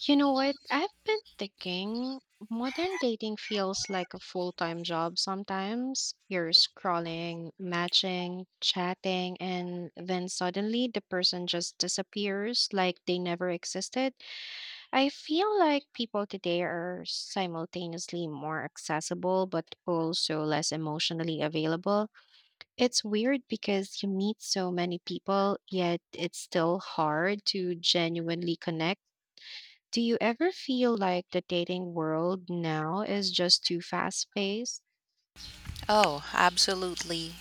You know what? I've been thinking modern dating feels like a full-time job sometimes. You're scrolling, matching, chatting, and then suddenly the person just disappears like they never existed. I feel like people today are simultaneously more accessible but also less emotionally available. It's weird because you meet so many people, yet it's still hard to genuinely connect. Do you ever feel like the dating world now is just too fast paced? Oh, absolutely.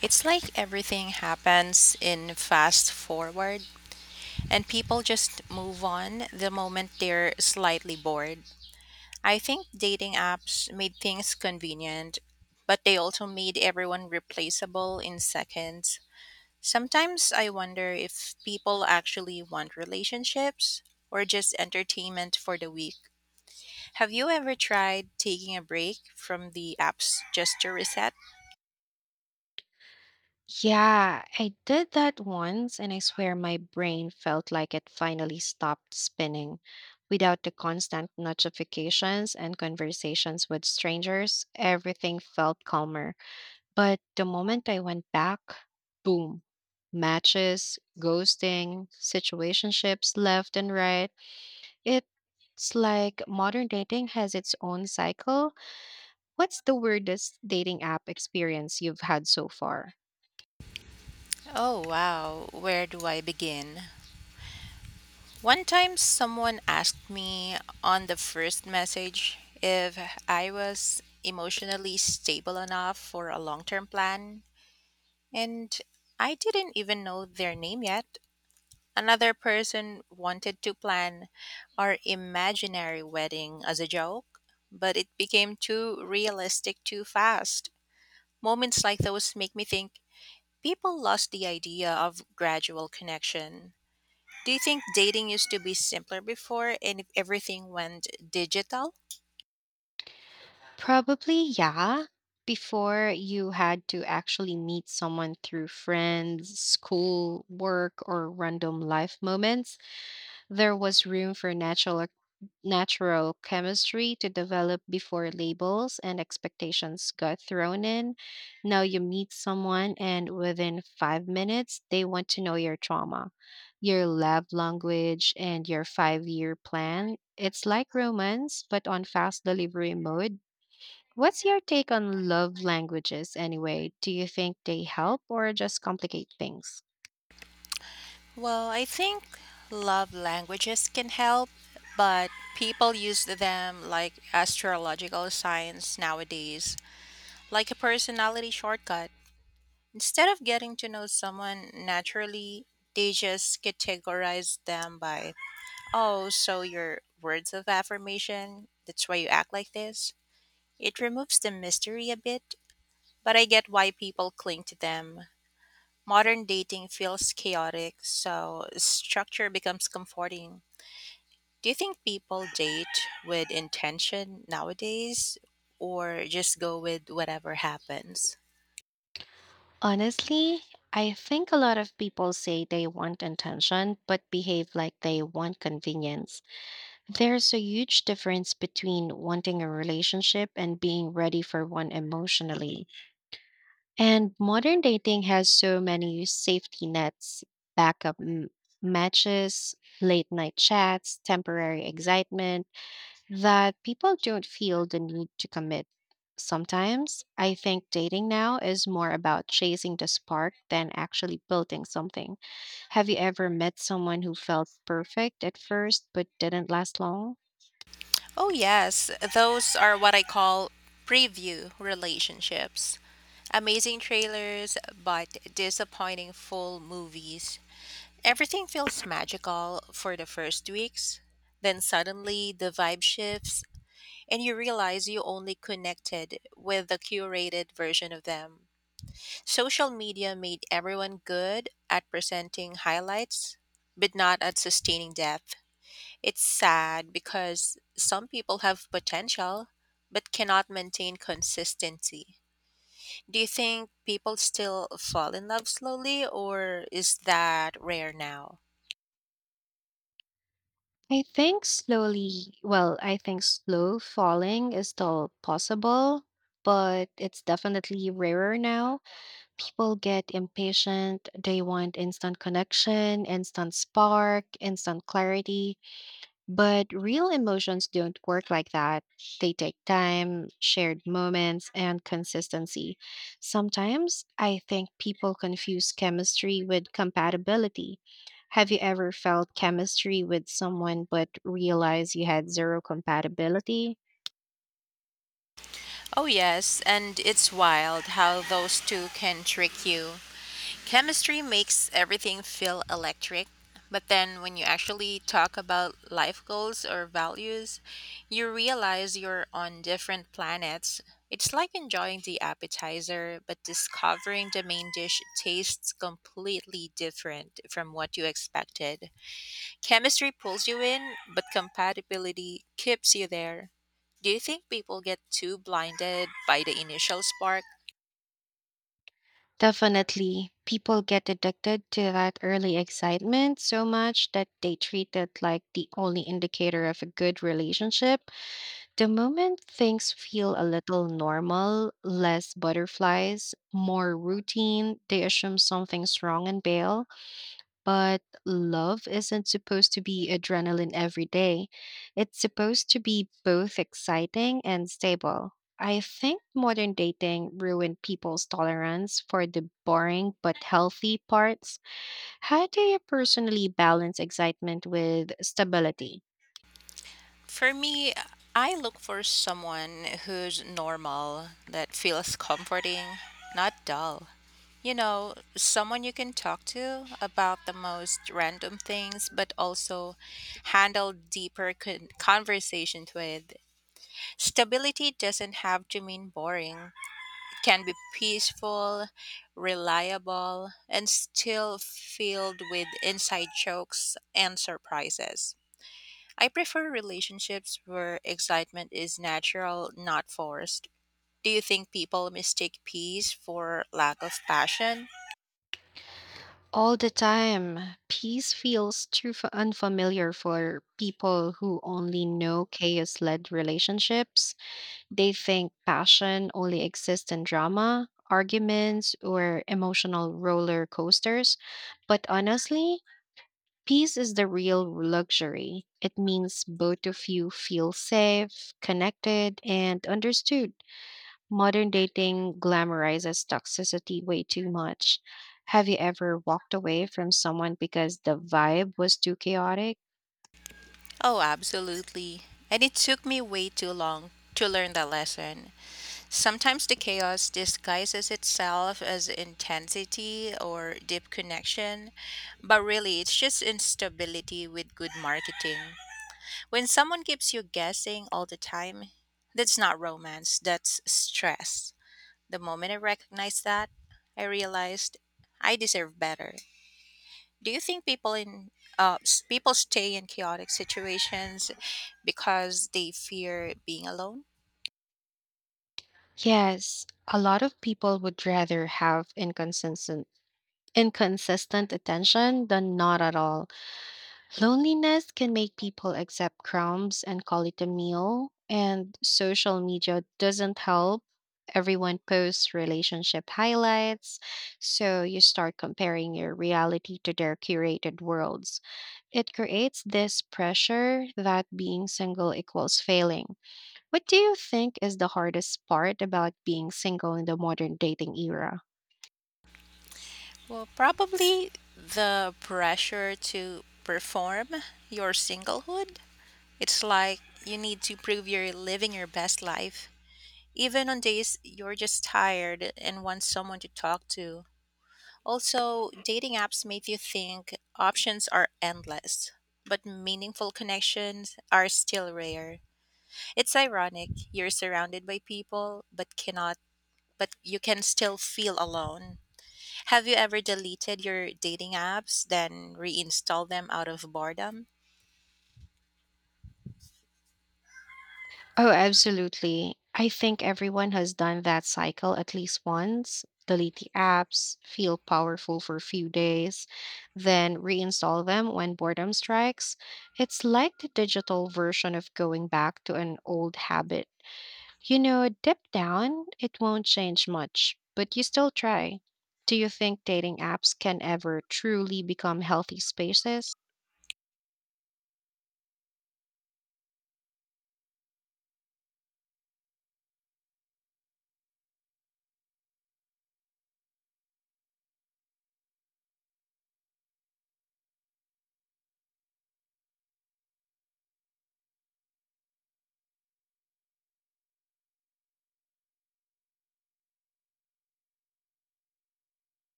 It's like everything happens in fast forward, and people just move on the moment they're slightly bored. I think dating apps made things convenient, but they also made everyone replaceable in seconds. Sometimes I wonder if people actually want relationships or just entertainment for the week. Have you ever tried taking a break from the apps just to reset? Yeah, I did that once, and I swear my brain felt like it finally stopped spinning. Without the constant notifications and conversations with strangers, everything felt calmer. But the moment I went back, boom, matches, ghosting, situationships left and right. It's like modern dating has its own cycle. What's the weirdest dating app experience you've had so far? Oh, wow. Where do I begin? One time someone asked me on the first message if I was emotionally stable enough for a long term plan, and I didn't even know their name yet. Another person wanted to plan our imaginary wedding as a joke, but it became too realistic too fast. Moments like those make me think people lost the idea of gradual connection. Do you think dating used to be simpler before and if everything went digital? Probably, yeah. Before you had to actually meet someone through friends, school, work, or random life moments. There was room for natural chemistry to develop before labels and expectations got thrown in. Now you meet someone, and within 5 minutes, they want to know your trauma, your love language, and your 5-year plan. It's like romance, but on fast delivery mode. What's your take on love languages anyway? Do you think they help or just complicate things? Well, I think love languages can help, but people use them like astrological signs nowadays, like a personality shortcut. Instead of getting to know someone naturally, they just categorize them by, oh, so your words of affirmation, that's why you act like this. It removes the mystery a bit, but I get why people cling to them. Modern dating feels chaotic, so structure becomes comforting. Do you think people date with intention nowadays or just go with whatever happens? Honestly, I think a lot of people say they want attention but behave like they want convenience. There's a huge difference between wanting a relationship and being ready for one emotionally. And modern dating has so many safety nets, backup matches, late night chats, temporary excitement that people don't feel the need to commit. Sometimes I think dating now is more about chasing the spark than actually building something. Have you ever met someone who felt perfect at first but didn't last long? Oh, yes, those are what I call preview relationships. Amazing trailers, but disappointing full movies. Everything feels magical for the first weeks. Then suddenly the vibe shifts and you realize you only connected with the curated version of them. Social media made everyone good at presenting highlights, but not at sustaining depth. It's sad because some people have potential but cannot maintain consistency. Do you think people still fall in love slowly, or is that rare now? Well, I think slow falling is still possible, but it's definitely rarer now. People get impatient, they want instant connection, instant spark, instant clarity. But real emotions don't work like that. They take time, shared moments, and consistency. Sometimes I think people confuse chemistry with compatibility. Have you ever felt chemistry with someone but realized you had zero compatibility? Oh, yes, and it's wild how those two can trick you. Chemistry makes everything feel electric, but then when you actually talk about life goals or values, you realize you're on different planets. It's like enjoying the appetizer, but discovering the main dish tastes completely different from what you expected. Chemistry pulls you in, but compatibility keeps you there. Do you think people get too blinded by the initial spark? Definitely. People get addicted to that early excitement so much that they treat it like the only indicator of a good relationship. The moment things feel a little normal, less butterflies, more routine, they assume something's wrong and bail. But love isn't supposed to be adrenaline every day. It's supposed to be both exciting and stable. I think modern dating ruined people's tolerance for the boring but healthy parts. How do you personally balance excitement with stability? For me, I look for someone who's normal, that feels comforting, not dull. You know, someone you can talk to about the most random things, but also handle deeper conversations with. Stability doesn't have to mean boring. Can be peaceful, reliable, and still filled with inside jokes and surprises. I prefer relationships where excitement is natural, not forced. Do you think people mistake peace for lack of passion? All the time. Peace feels too unfamiliar for people who only know chaos led relationships. They think passion only exists in drama, arguments, or emotional roller coasters. But honestly, peace is the real luxury. It means both of you feel safe, connected, and understood. Modern dating glamorizes toxicity way too much. Have you ever walked away from someone because the vibe was too chaotic? Oh, absolutely. And it took me way too long to learn that lesson. Sometimes the chaos disguises itself as intensity or deep connection, but really it's just instability with good marketing. When someone keeps you guessing all the time, that's not romance, that's stress. The moment I recognized that, I realized I deserve better. Do you think people stay in chaotic situations because they fear being alone? Yes, a lot of people would rather have inconsistent attention than not at all. Loneliness can make people accept crumbs and call it a meal, and social media doesn't help. Everyone posts relationship highlights, so you start comparing your reality to their curated worlds. It creates this pressure that being single equals failing. What do you think is the hardest part about being single in the modern dating era? Well, probably the pressure to perform your singlehood. It's like you need to prove you're living your best life, even on days you're just tired and want someone to talk to. Also, dating apps make you think options are endless, but meaningful connections are still rare. It's ironic. You're surrounded by people, but cannot but you can still feel alone. Have you ever deleted your dating apps then reinstall them out of boredom? Oh, absolutely. I think everyone has done that cycle at least once. Delete the apps, feel powerful for a few days, then reinstall them when boredom strikes. It's like the digital version of going back to an old habit. Deep down, it won't change much, but you still try. Do you think dating apps can ever truly become healthy spaces?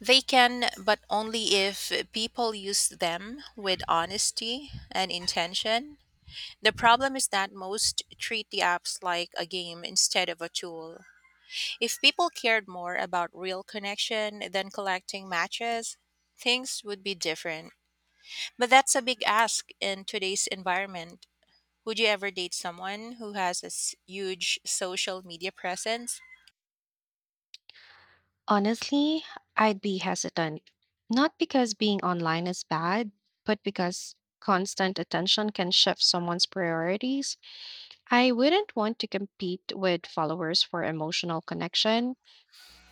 They can, but only if people use them with honesty and intention. The problem is that most treat the apps like a game instead of a tool. If people cared more about real connection than collecting matches, things would be different. But that's a big ask in today's environment. Would you ever date someone who has a huge social media presence? Honestly, I'd be hesitant. Not because being online is bad, but because constant attention can shift someone's priorities. I wouldn't want to compete with followers for emotional connection.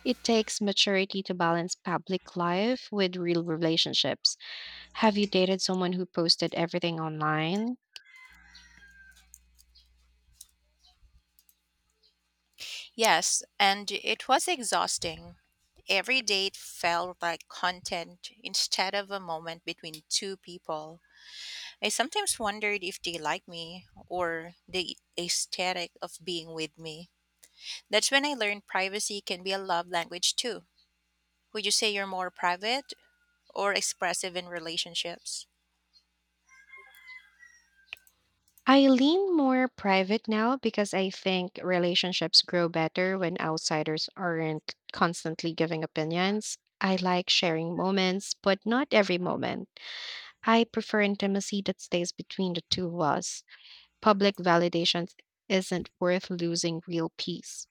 It takes maturity to balance public life with real relationships. Have you dated someone who posted everything online? Yes, and it was exhausting. Every date felt like content instead of a moment between two people. I sometimes wondered if they liked me or the aesthetic of being with me. That's when I learned privacy can be a love language too. Would you say you're more private or expressive in relationships? I lean more private now because I think relationships grow better when outsiders aren't constantly giving opinions. I like sharing moments, but not every moment. I prefer intimacy that stays between the two of us. Public validation isn't worth losing real peace.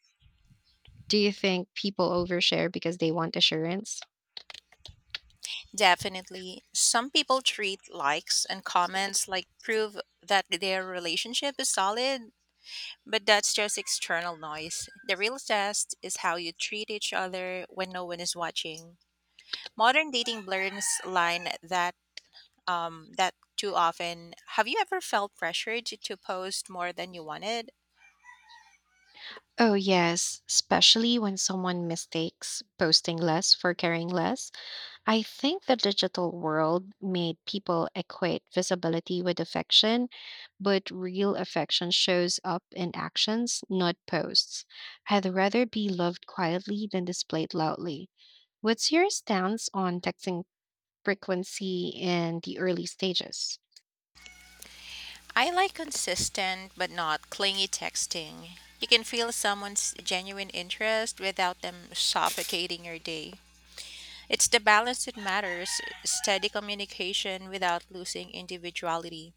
Do you think people overshare because they want assurance? Definitely. Some people treat likes and comments like proof that their relationship is solid, but that's just external noise. The real test is how you treat each other when no one is watching. Modern dating blurs line that too often. Have you ever felt pressured to post more than you wanted? Oh, yes, especially when someone mistakes posting less for caring less. I think the digital world made people equate visibility with affection, but real affection shows up in actions, not posts. I'd rather be loved quietly than displayed loudly. What's your stance on texting frequency in the early stages? I like consistent but not clingy texting. You can feel someone's genuine interest without them suffocating your day. It's the balance that matters, steady communication without losing individuality.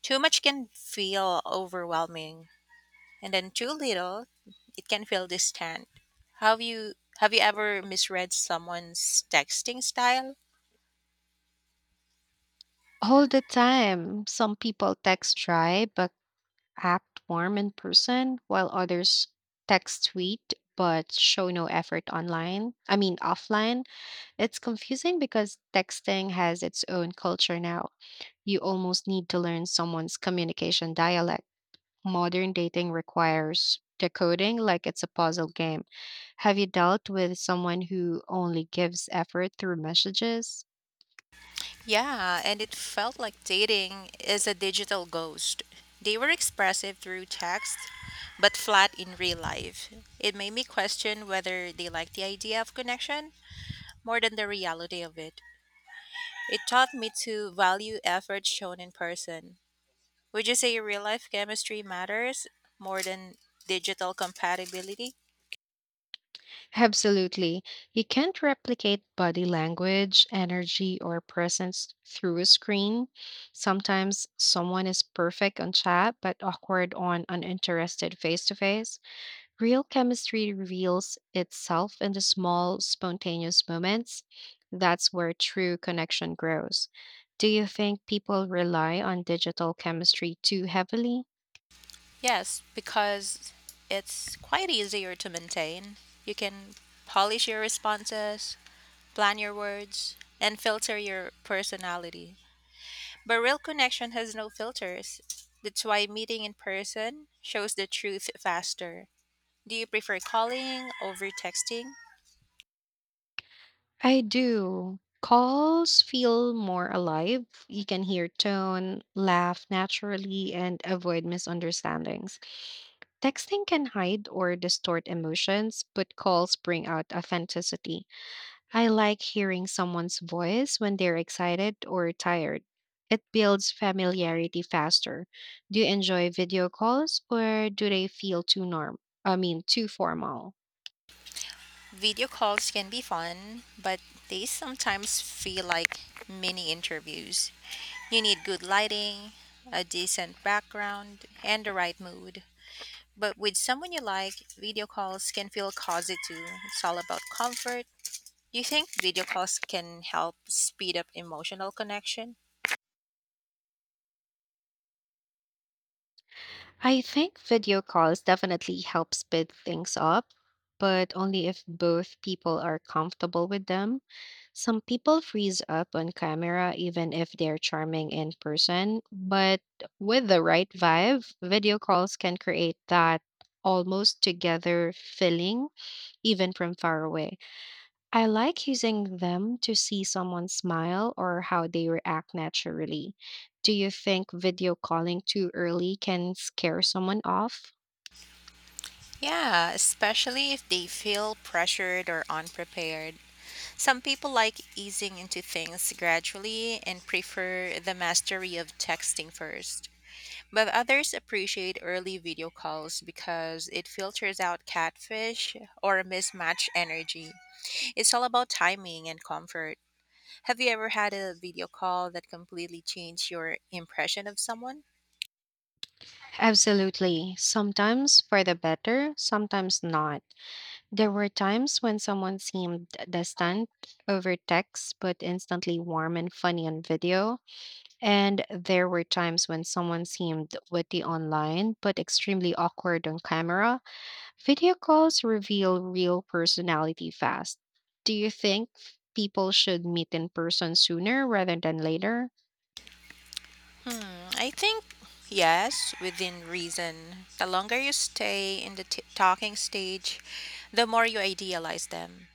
Too much can feel overwhelming, and then too little, it can feel distant. Have you ever misread someone's texting style? All the time. Some people text dry but act warm in person, while others text sweet but show no effort online. I mean, offline. It's confusing because texting has its own culture now. You almost need to learn someone's communication dialect. Modern dating requires decoding like it's a puzzle game. Have you dealt with someone who only gives effort through messages? Yeah, and it felt like dating is a digital ghost. They were expressive through text, but flat in real life. It made me question whether they liked the idea of connection more than the reality of it. It taught me to value effort shown in person. Would you say real life chemistry matters more than digital compatibility? Absolutely. You can't replicate body language, energy, or presence through a screen. Sometimes someone is perfect on chat but awkward on uninterested face to face. Real chemistry reveals itself in the small, spontaneous moments. That's where true connection grows. Do you think people rely on digital chemistry too heavily? Yes, because it's quite easier to maintain. You can polish your responses, plan your words, and filter your personality. But real connection has no filters. That's why meeting in person shows the truth faster. Do you prefer calling over texting? I do. Calls feel more alive. You can hear tone, laugh naturally, and avoid misunderstandings. Texting can hide or distort emotions, but calls bring out authenticity. I like hearing someone's voice when they're excited or tired. It builds familiarity faster. Do you enjoy video calls or do they feel too norm? I mean, too formal? Video calls can be fun, but they sometimes feel like mini interviews. You need good lighting, a decent background, and the right mood. But with someone you like, video calls can feel cozy too. It's all about comfort. Do you think video calls can help speed up emotional connection? I think video calls definitely help speed things up, but only if both people are comfortable with them. Some people freeze up on camera even if they're charming in person, but with the right vibe, video calls can create that almost together feeling even from far away. I like using them to see someone smile or how they react naturally. Do you think video calling too early can scare someone off? Yeah, especially if they feel pressured or unprepared. Some people like easing into things gradually and prefer the mastery of texting first. But others appreciate early video calls because it filters out catfish or mismatched energy. It's all about timing and comfort. Have you ever had a video call that completely changed your impression of someone? Absolutely. Sometimes for the better, sometimes not. There were times when someone seemed distant over text but instantly warm and funny on video. And there were times when someone seemed witty online but extremely awkward on camera. Video calls reveal real personality fast. Do you think people should meet in person sooner rather than later? Hmm, I think yes, within reason. The longer you stay in the talking stage, the more you idealize them.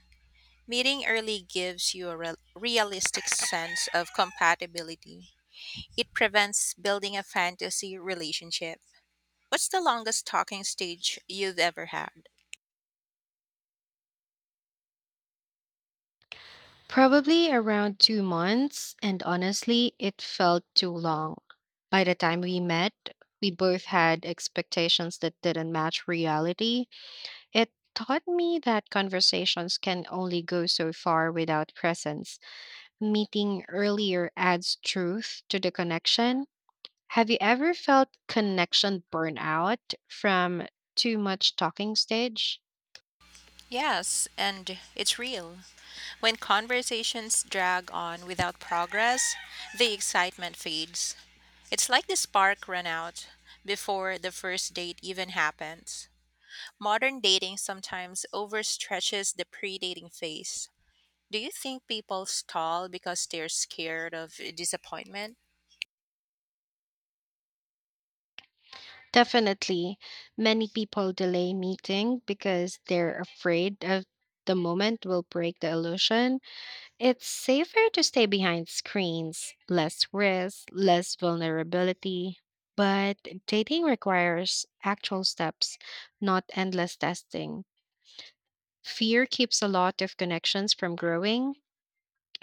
Meeting early gives you a realistic sense of compatibility. It prevents building a fantasy relationship. What's the longest talking stage you've ever had? Probably around 2 months, and honestly, it felt too long. By the time we met, we both had expectations that didn't match reality. It taught me that conversations can only go so far without presence. Meeting earlier adds truth to the connection. Have you ever felt connection burnout from too much talking stage? Yes, and it's real. When conversations drag on without progress, the excitement fades. It's like the spark ran out before the first date even happens. Modern dating sometimes overstretches the pre dating phase. Do you think people stall because they're scared of disappointment? Definitely. Many people delay meeting because they're afraid of the moment will break the illusion. It's safer to stay behind screens, less risk, less vulnerability. But dating requires actual steps, not endless testing. Fear keeps a lot of connections from growing.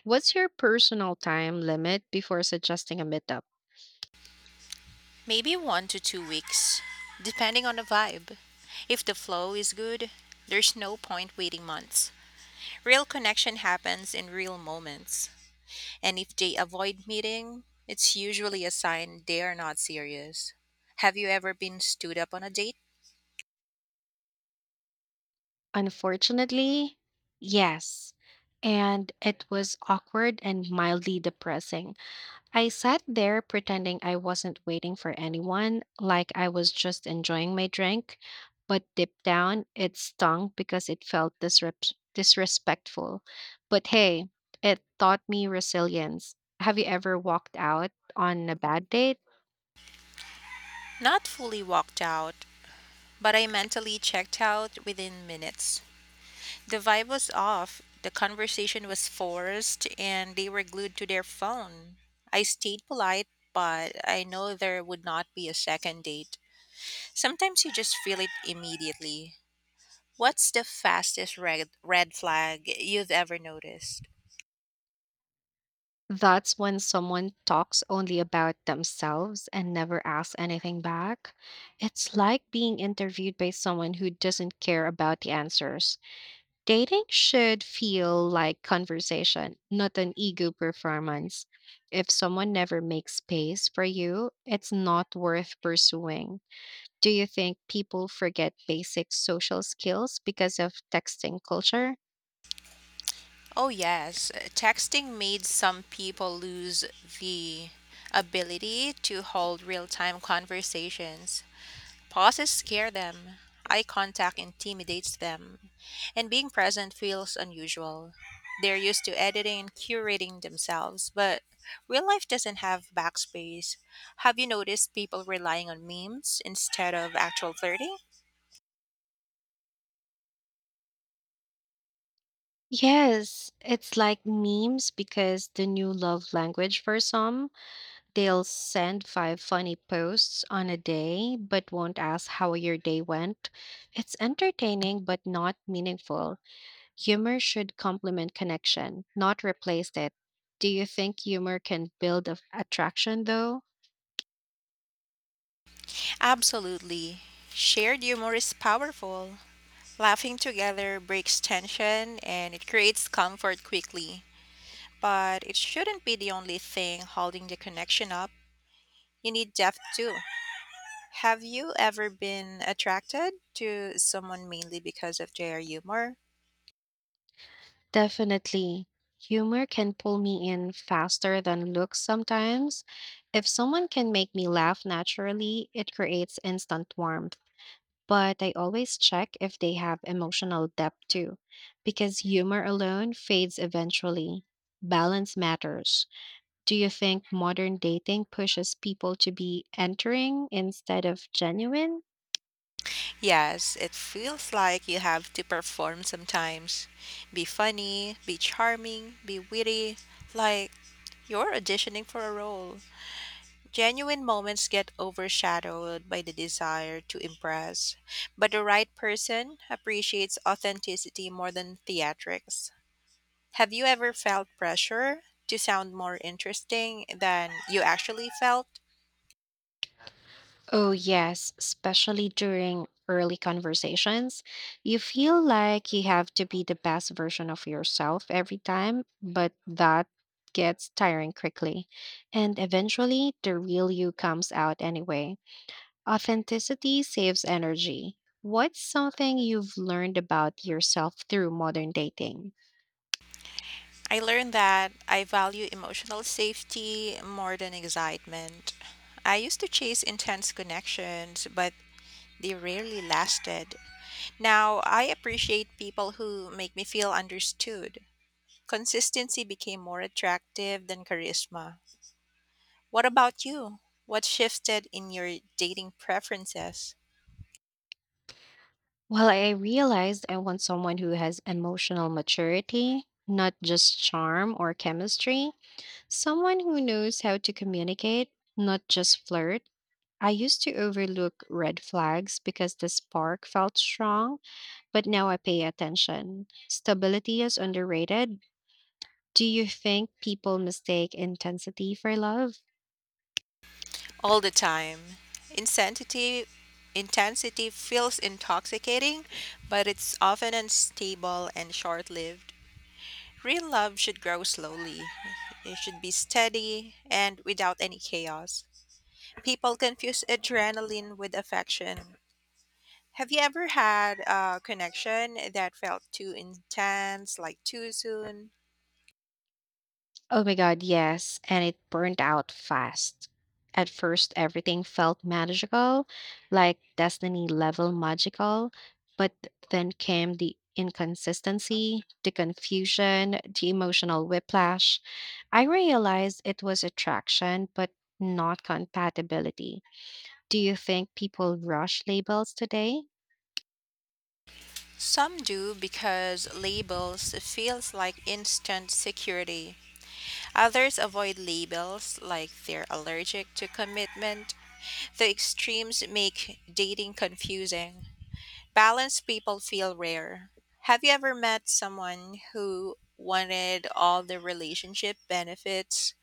What's your personal time limit before suggesting a meetup? Maybe 1 to 2 weeks, depending on the vibe. If the flow is good, there's no point waiting months. Real connection happens in real moments. And if they avoid meeting, it's usually a sign they are not serious. Have you ever been stood up on a date? Unfortunately, yes. And it was awkward and mildly depressing. I sat there pretending I wasn't waiting for anyone, like I was just enjoying my drink. But deep down, it stung because it felt disrespectful. But hey, it taught me resilience. Have you ever walked out on a bad date? Not fully walked out, but I mentally checked out within minutes. The vibe was off, the conversation was forced, and they were glued to their phone. I stayed polite, but I know there would not be a second date. Sometimes you just feel it immediately. What's the fastest red flag you've ever noticed? That's when someone talks only about themselves and never asks anything back. It's like being interviewed by someone who doesn't care about the answers. Dating should feel like conversation, not an ego performance. If someone never makes space for you, it's not worth pursuing. Do you think people forget basic social skills because of texting culture? Oh, yes. Texting made some people lose the ability to hold real time conversations. Pauses scare them, eye contact intimidates them, and being present feels unusual. They're used to editing and curating themselves, but real life doesn't have backspace. Have you noticed people relying on memes instead of actual flirting? Yes, it's like memes because the new love language for some. They'll send five funny posts on a day, but won't ask how your day went. It's entertaining, but not meaningful. Humor should complement connection, not replace it. Do you think humor can build a attraction, though? Absolutely. Shared humor is powerful. Laughing together breaks tension and it creates comfort quickly. But it shouldn't be the only thing holding the connection up. You need depth too. Have you ever been attracted to someone mainly because of their humor? Definitely. Humor can pull me in faster than looks sometimes. If someone can make me laugh naturally, it creates instant warmth. But I always check if they have emotional depth too, because humor alone fades eventually. Balance matters. Do you think modern dating pushes people to be entering instead of genuine? Yes, it feels like you have to perform sometimes. Be funny, be charming, be witty, like you're auditioning for a role. Genuine moments get overshadowed by the desire to impress, but the right person appreciates authenticity more than theatrics. Have you ever felt pressure to sound more interesting than you actually felt? Oh, yes, especially during early conversations. You feel like you have to be the best version of yourself every time, but that gets tiring quickly. And eventually, the real you comes out anyway. Authenticity saves energy. What's something you've learned about yourself through modern dating? I learned that I value emotional safety more than excitement. I used to chase intense connections, but they rarely lasted. Now, I appreciate people who make me feel understood. Consistency became more attractive than charisma. What about you? What shifted in your dating preferences? Well, I realized I want someone who has emotional maturity, not just charm or chemistry. Someone who knows how to communicate, not just flirt. I used to overlook red flags because the spark felt strong, but now I pay attention. Stability is underrated. Do you think people mistake intensity for love? All the time. Insanity Intensity feels intoxicating, but it's often unstable and short-lived. Real love should grow slowly. It should be steady and without any chaos. People confuse adrenaline with affection. Have you ever had a connection that felt too intense, like too soon? Oh my God, yes. And it burned out fast. At first, everything felt magical, like Destiny level magical. But then came the inconsistency, the confusion, the emotional whiplash. I realized it was attraction, but not compatibility. Do you think people rush labels today? Some do because labels feels like instant security. Others avoid labels like they're allergic to commitment. The extremes make dating confusing. Balanced people feel rare. Have you ever met someone who wanted all the relationship benefits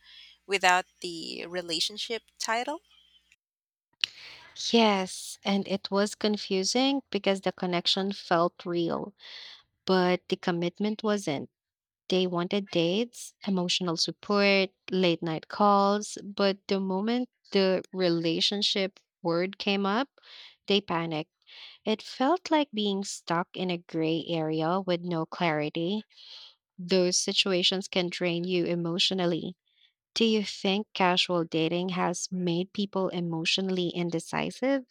without the relationship title? Yes, and it was confusing because the connection felt real, but the commitment wasn't. They wanted dates, emotional support, late night calls, but the moment the relationship word came up, they panicked. It felt like being stuck in a gray area with no clarity. Those situations can drain you emotionally. Do you think casual dating has made people emotionally indecisive?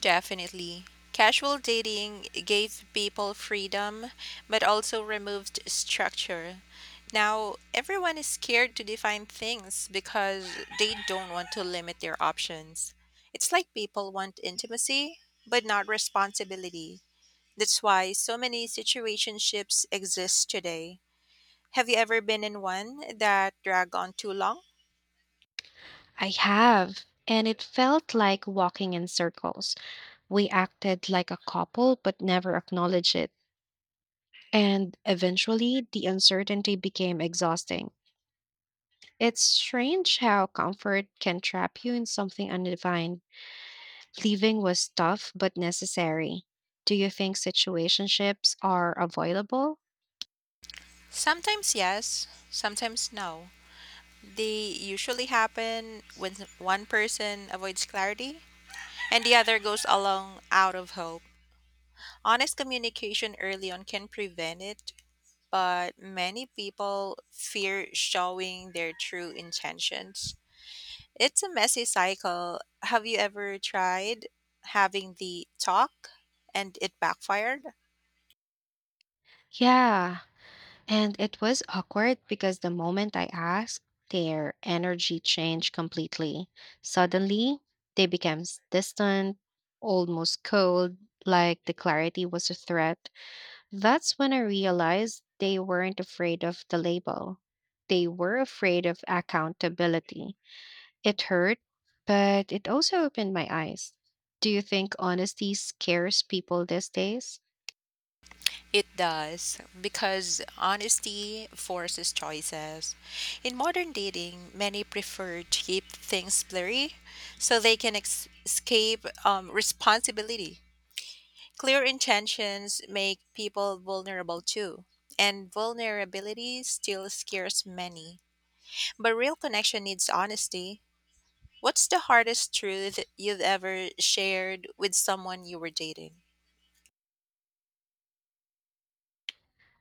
Definitely. Casual dating gave people freedom, but also removed structure. Now, everyone is scared to define things because they don't want to limit their options. It's like people want intimacy, but not responsibility. That's why so many situationships exist today. Have you ever been in one that dragged on too long? I have. And it felt like walking in circles. We acted like a couple but never acknowledged it. And eventually, the uncertainty became exhausting. It's strange how comfort can trap you in something undefined. Leaving was tough but necessary. Do you think situationships are avoidable? Sometimes yes, sometimes no. They usually happen when one person avoids clarity and the other goes along out of hope. Honest communication early on can prevent it, but many people fear showing their true intentions. It's a messy cycle. Have you ever tried having the talk and it backfired? Yeah, and it was awkward because the moment I asked, their energy changed completely. Suddenly, they became distant, almost cold, like the clarity was a threat. That's when I realized they weren't afraid of the label. They were afraid of accountability. It hurt, but it also opened my eyes. Do you think honesty scares people these days? It does, because honesty forces choices. In modern dating, many prefer to keep things blurry so they can escape responsibility. Clear intentions make people vulnerable too, and vulnerability still scares many. But real connection needs honesty. What's the hardest truth you've ever shared with someone you were dating?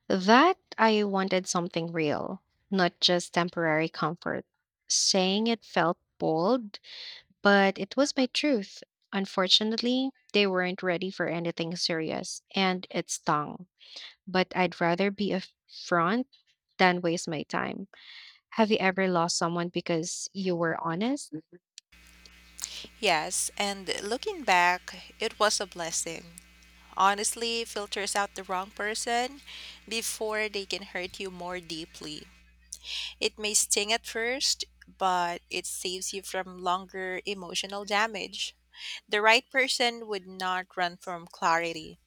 That I wanted something real, not just temporary comfort. Saying it felt bold, but it was my truth. Unfortunately, they weren't ready for anything serious, and it stung, but I'd rather be upfront than waste my time. Have you ever lost someone because you were honest? Yes, and looking back, it was a blessing. Honestly, filters out the wrong person before they can hurt you more deeply. It may sting at first, but it saves you from longer emotional damage. The right person would not run from clarity.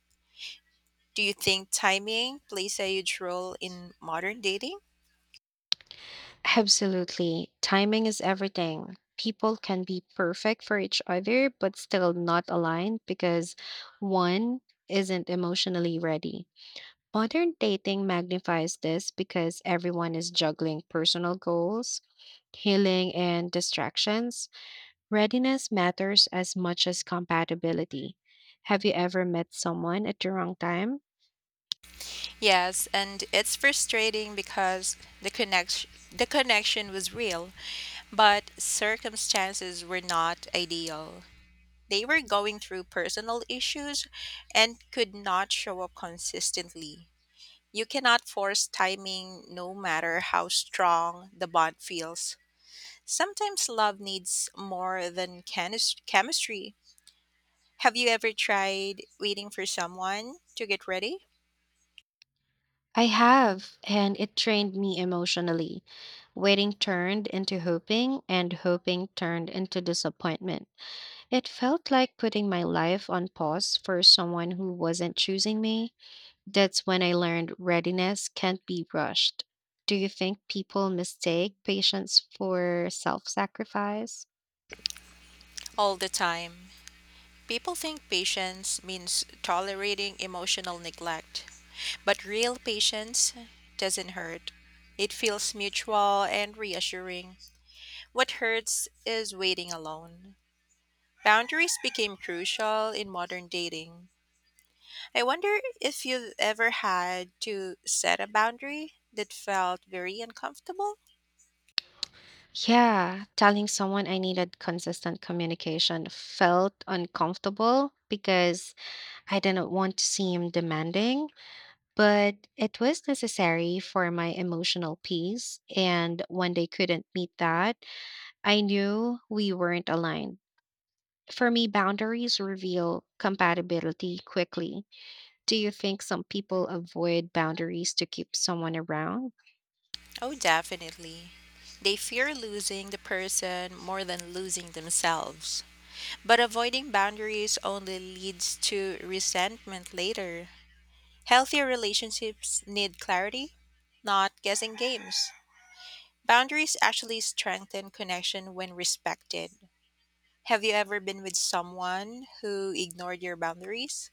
Do you think timing plays a huge role in modern dating? Absolutely. Timing is everything. People can be perfect for each other, but still not aligned because one isn't emotionally ready. Modern dating magnifies this because everyone is juggling personal goals, healing, and distractions. Readiness matters as much as compatibility. Have you ever met someone at the wrong time? Yes, and it's frustrating because the connection the connection was real, but circumstances were not ideal. They were going through personal issues and could not show up consistently. You cannot force timing no matter how strong the bond feels. Sometimes love needs more than chemistry. Have you ever tried waiting for someone to get ready? I have, and it trained me emotionally. Waiting turned into hoping, and hoping turned into disappointment. It felt like putting my life on pause for someone who wasn't choosing me. That's when I learned readiness can't be rushed. Do you think people mistake patience for self sacrifice? All the time. People think patience means tolerating emotional neglect, but real patience doesn't hurt. It feels mutual and reassuring. What hurts is waiting alone. Boundaries became crucial in modern dating. I wonder if you've ever had to set a boundary that felt very uncomfortable? Yeah, telling someone I needed consistent communication felt uncomfortable because I didn't want to seem demanding, but it was necessary for my emotional peace. And when they couldn't meet that, I knew we weren't aligned. For me, boundaries reveal compatibility quickly. Do you think some people avoid boundaries to keep someone around? Oh, definitely. They fear losing the person more than losing themselves. But avoiding boundaries only leads to resentment later. Healthier relationships need clarity, not guessing games. Boundaries actually strengthen connection when respected. Have you ever been with someone who ignored your boundaries?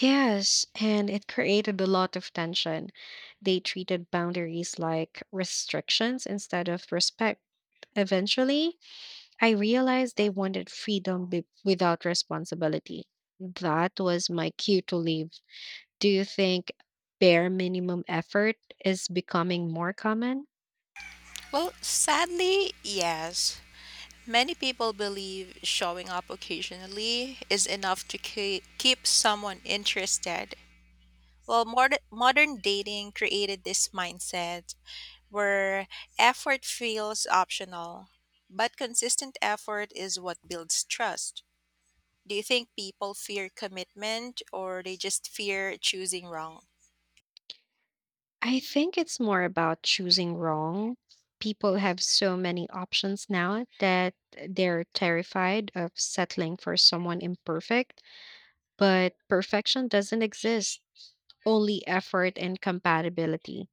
Yes, and it created a lot of tension. They treated boundaries like restrictions instead of respect. Eventually, I realized they wanted freedom without responsibility. That was my cue to leave. Do you think bare minimum effort is becoming more common? Well, sadly, yes. Many people believe showing up occasionally is enough to keep someone interested. Well, modern dating created this mindset where effort feels optional, but consistent effort is what builds trust. Do you think people fear commitment or they just fear choosing wrong? I think it's more about choosing wrong. People have so many options now that they're terrified of settling for someone imperfect. But perfection doesn't exist, only effort and compatibility.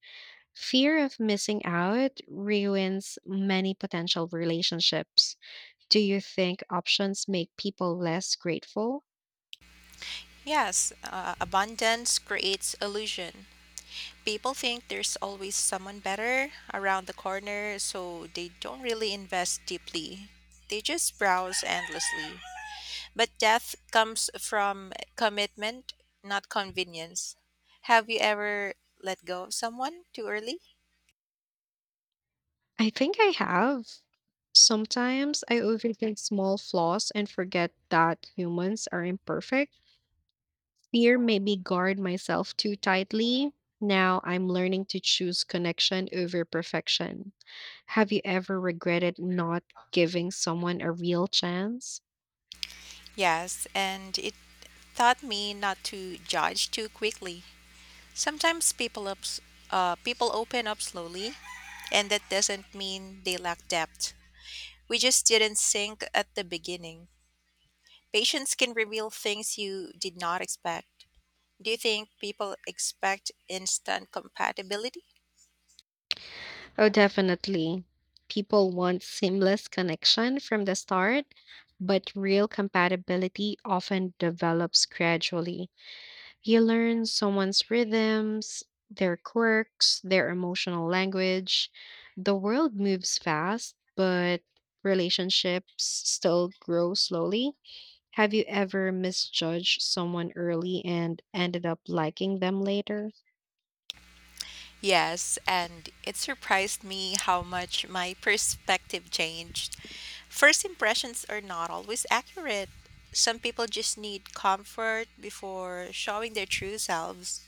Fear of missing out ruins many potential relationships. Do you think options make people less grateful? Yes, abundance creates illusion. People think there's always someone better around the corner, so they don't really invest deeply. They just browse endlessly. But death comes from commitment, not convenience. Have you ever let go of someone too early? I think I have. Sometimes I overthink small flaws and forget that humans are imperfect. Fear made me guard myself too tightly. Now I'm learning to choose connection over perfection. Have you ever regretted not giving someone a real chance? Yes, and it taught me not to judge too quickly. Sometimes people open up slowly, and that doesn't mean they lack depth. We just didn't sync at the beginning. Patience can reveal things you did not expect. Do you think people expect instant compatibility? Oh, definitely. People want seamless connection from the start, but real compatibility often develops gradually. You learn someone's rhythms, their quirks, their emotional language. The world moves fast, but relationships still grow slowly. Have you ever misjudged someone early and ended up liking them later? Yes, and it surprised me how much my perspective changed. First impressions are not always accurate. Some people just need comfort before showing their true selves.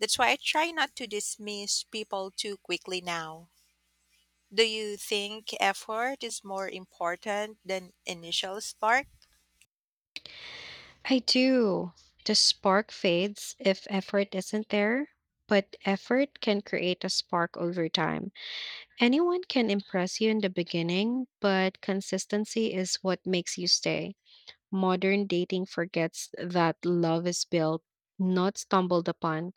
That's why I try not to dismiss people too quickly now. Do you think effort is more important than initial spark? I do. The spark fades if effort isn't there, but effort can create a spark over time. Anyone can impress you in the beginning, but consistency is what makes you stay. Modern dating forgets that love is built, not stumbled upon.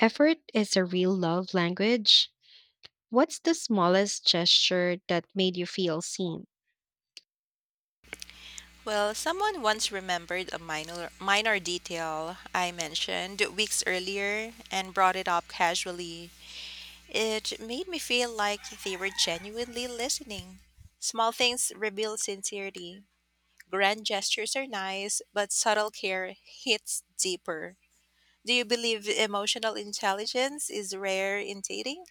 Effort is a real love language. What's the smallest gesture that made you feel seen? Well, someone once remembered a minor detail I mentioned weeks earlier and brought it up casually. It made me feel like they were genuinely listening. Small things reveal sincerity. Grand gestures are nice, but subtle care hits deeper. Do you believe emotional intelligence is rare in dating?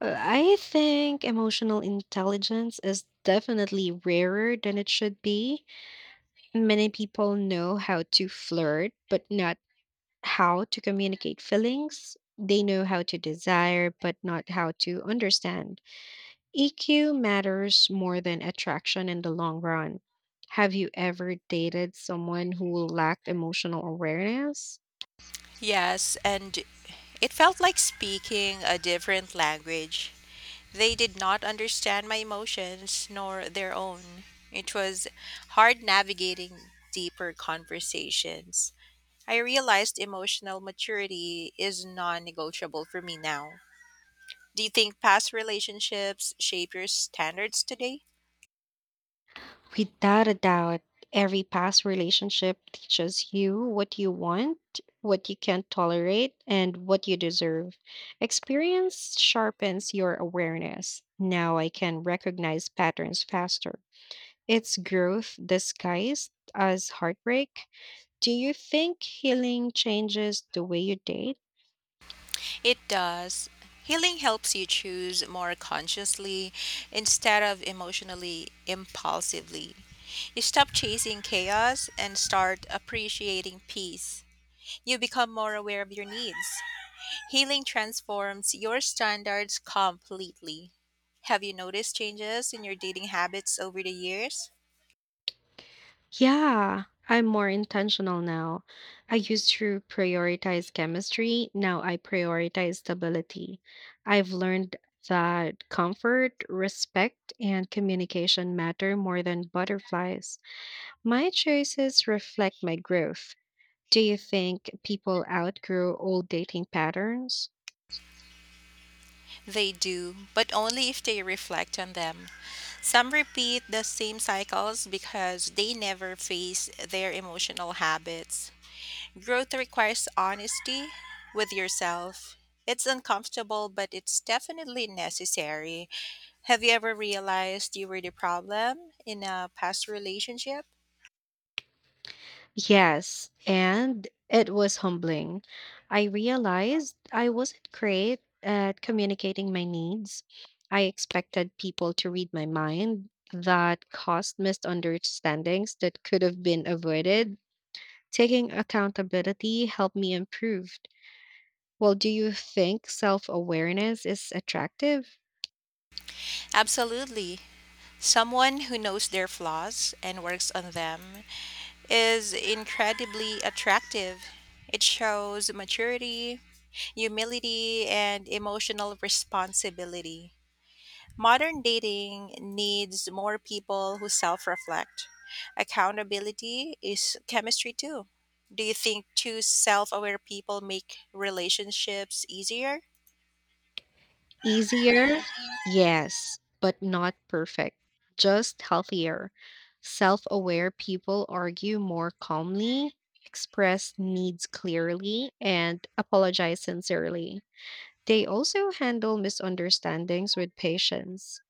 I think emotional intelligence is definitely rarer than it should be. Many people know how to flirt, but not how to communicate feelings. They know how to desire, but not how to understand. EQ matters more than attraction in the long run. Have you ever dated someone who lacked emotional awareness? Yes, and it felt like speaking a different language. They did not understand my emotions nor their own. It was hard navigating deeper conversations. I realized emotional maturity is non negotiable for me now. Do you think past relationships shape your standards today? Without a doubt, every past relationship teaches you what you want, what you can't tolerate, and what you deserve. Experience sharpens your awareness. Now I can recognize patterns faster. It's growth disguised as heartbreak. Do you think healing changes the way you date? It does. Healing helps you choose more consciously instead of emotionally impulsively. You stop chasing chaos and start appreciating peace. You become more aware of your needs. Healing transforms your standards completely. Have you noticed changes in your dating habits over the years? Yeah, I'm more intentional now. I used to prioritize chemistry, now I prioritize stability. I've learned that comfort, respect, and communication matter more than butterflies. My choices reflect my growth. Do you think people outgrow old dating patterns? They do, but only if they reflect on them. Some repeat the same cycles because they never face their emotional habits. Growth requires honesty with yourself. It's uncomfortable, but it's definitely necessary. Have you ever realized you were the problem in a past relationship? Yes, and it was humbling. I realized I wasn't great at communicating my needs. I expected people to read my mind. That caused misunderstandings that could have been avoided. Taking accountability helped me improve. Well, do you think self awareness is attractive? Absolutely. Someone who knows their flaws and works on them is incredibly attractive. It shows maturity, humility, and emotional responsibility. Modern dating needs more people who self reflect. Accountability is chemistry too. Do you think two self aware people make relationships easier? Easier? Yes, but not perfect. Just healthier. Self aware people argue more calmly, express needs clearly, and apologize sincerely. They also handle misunderstandings with patience.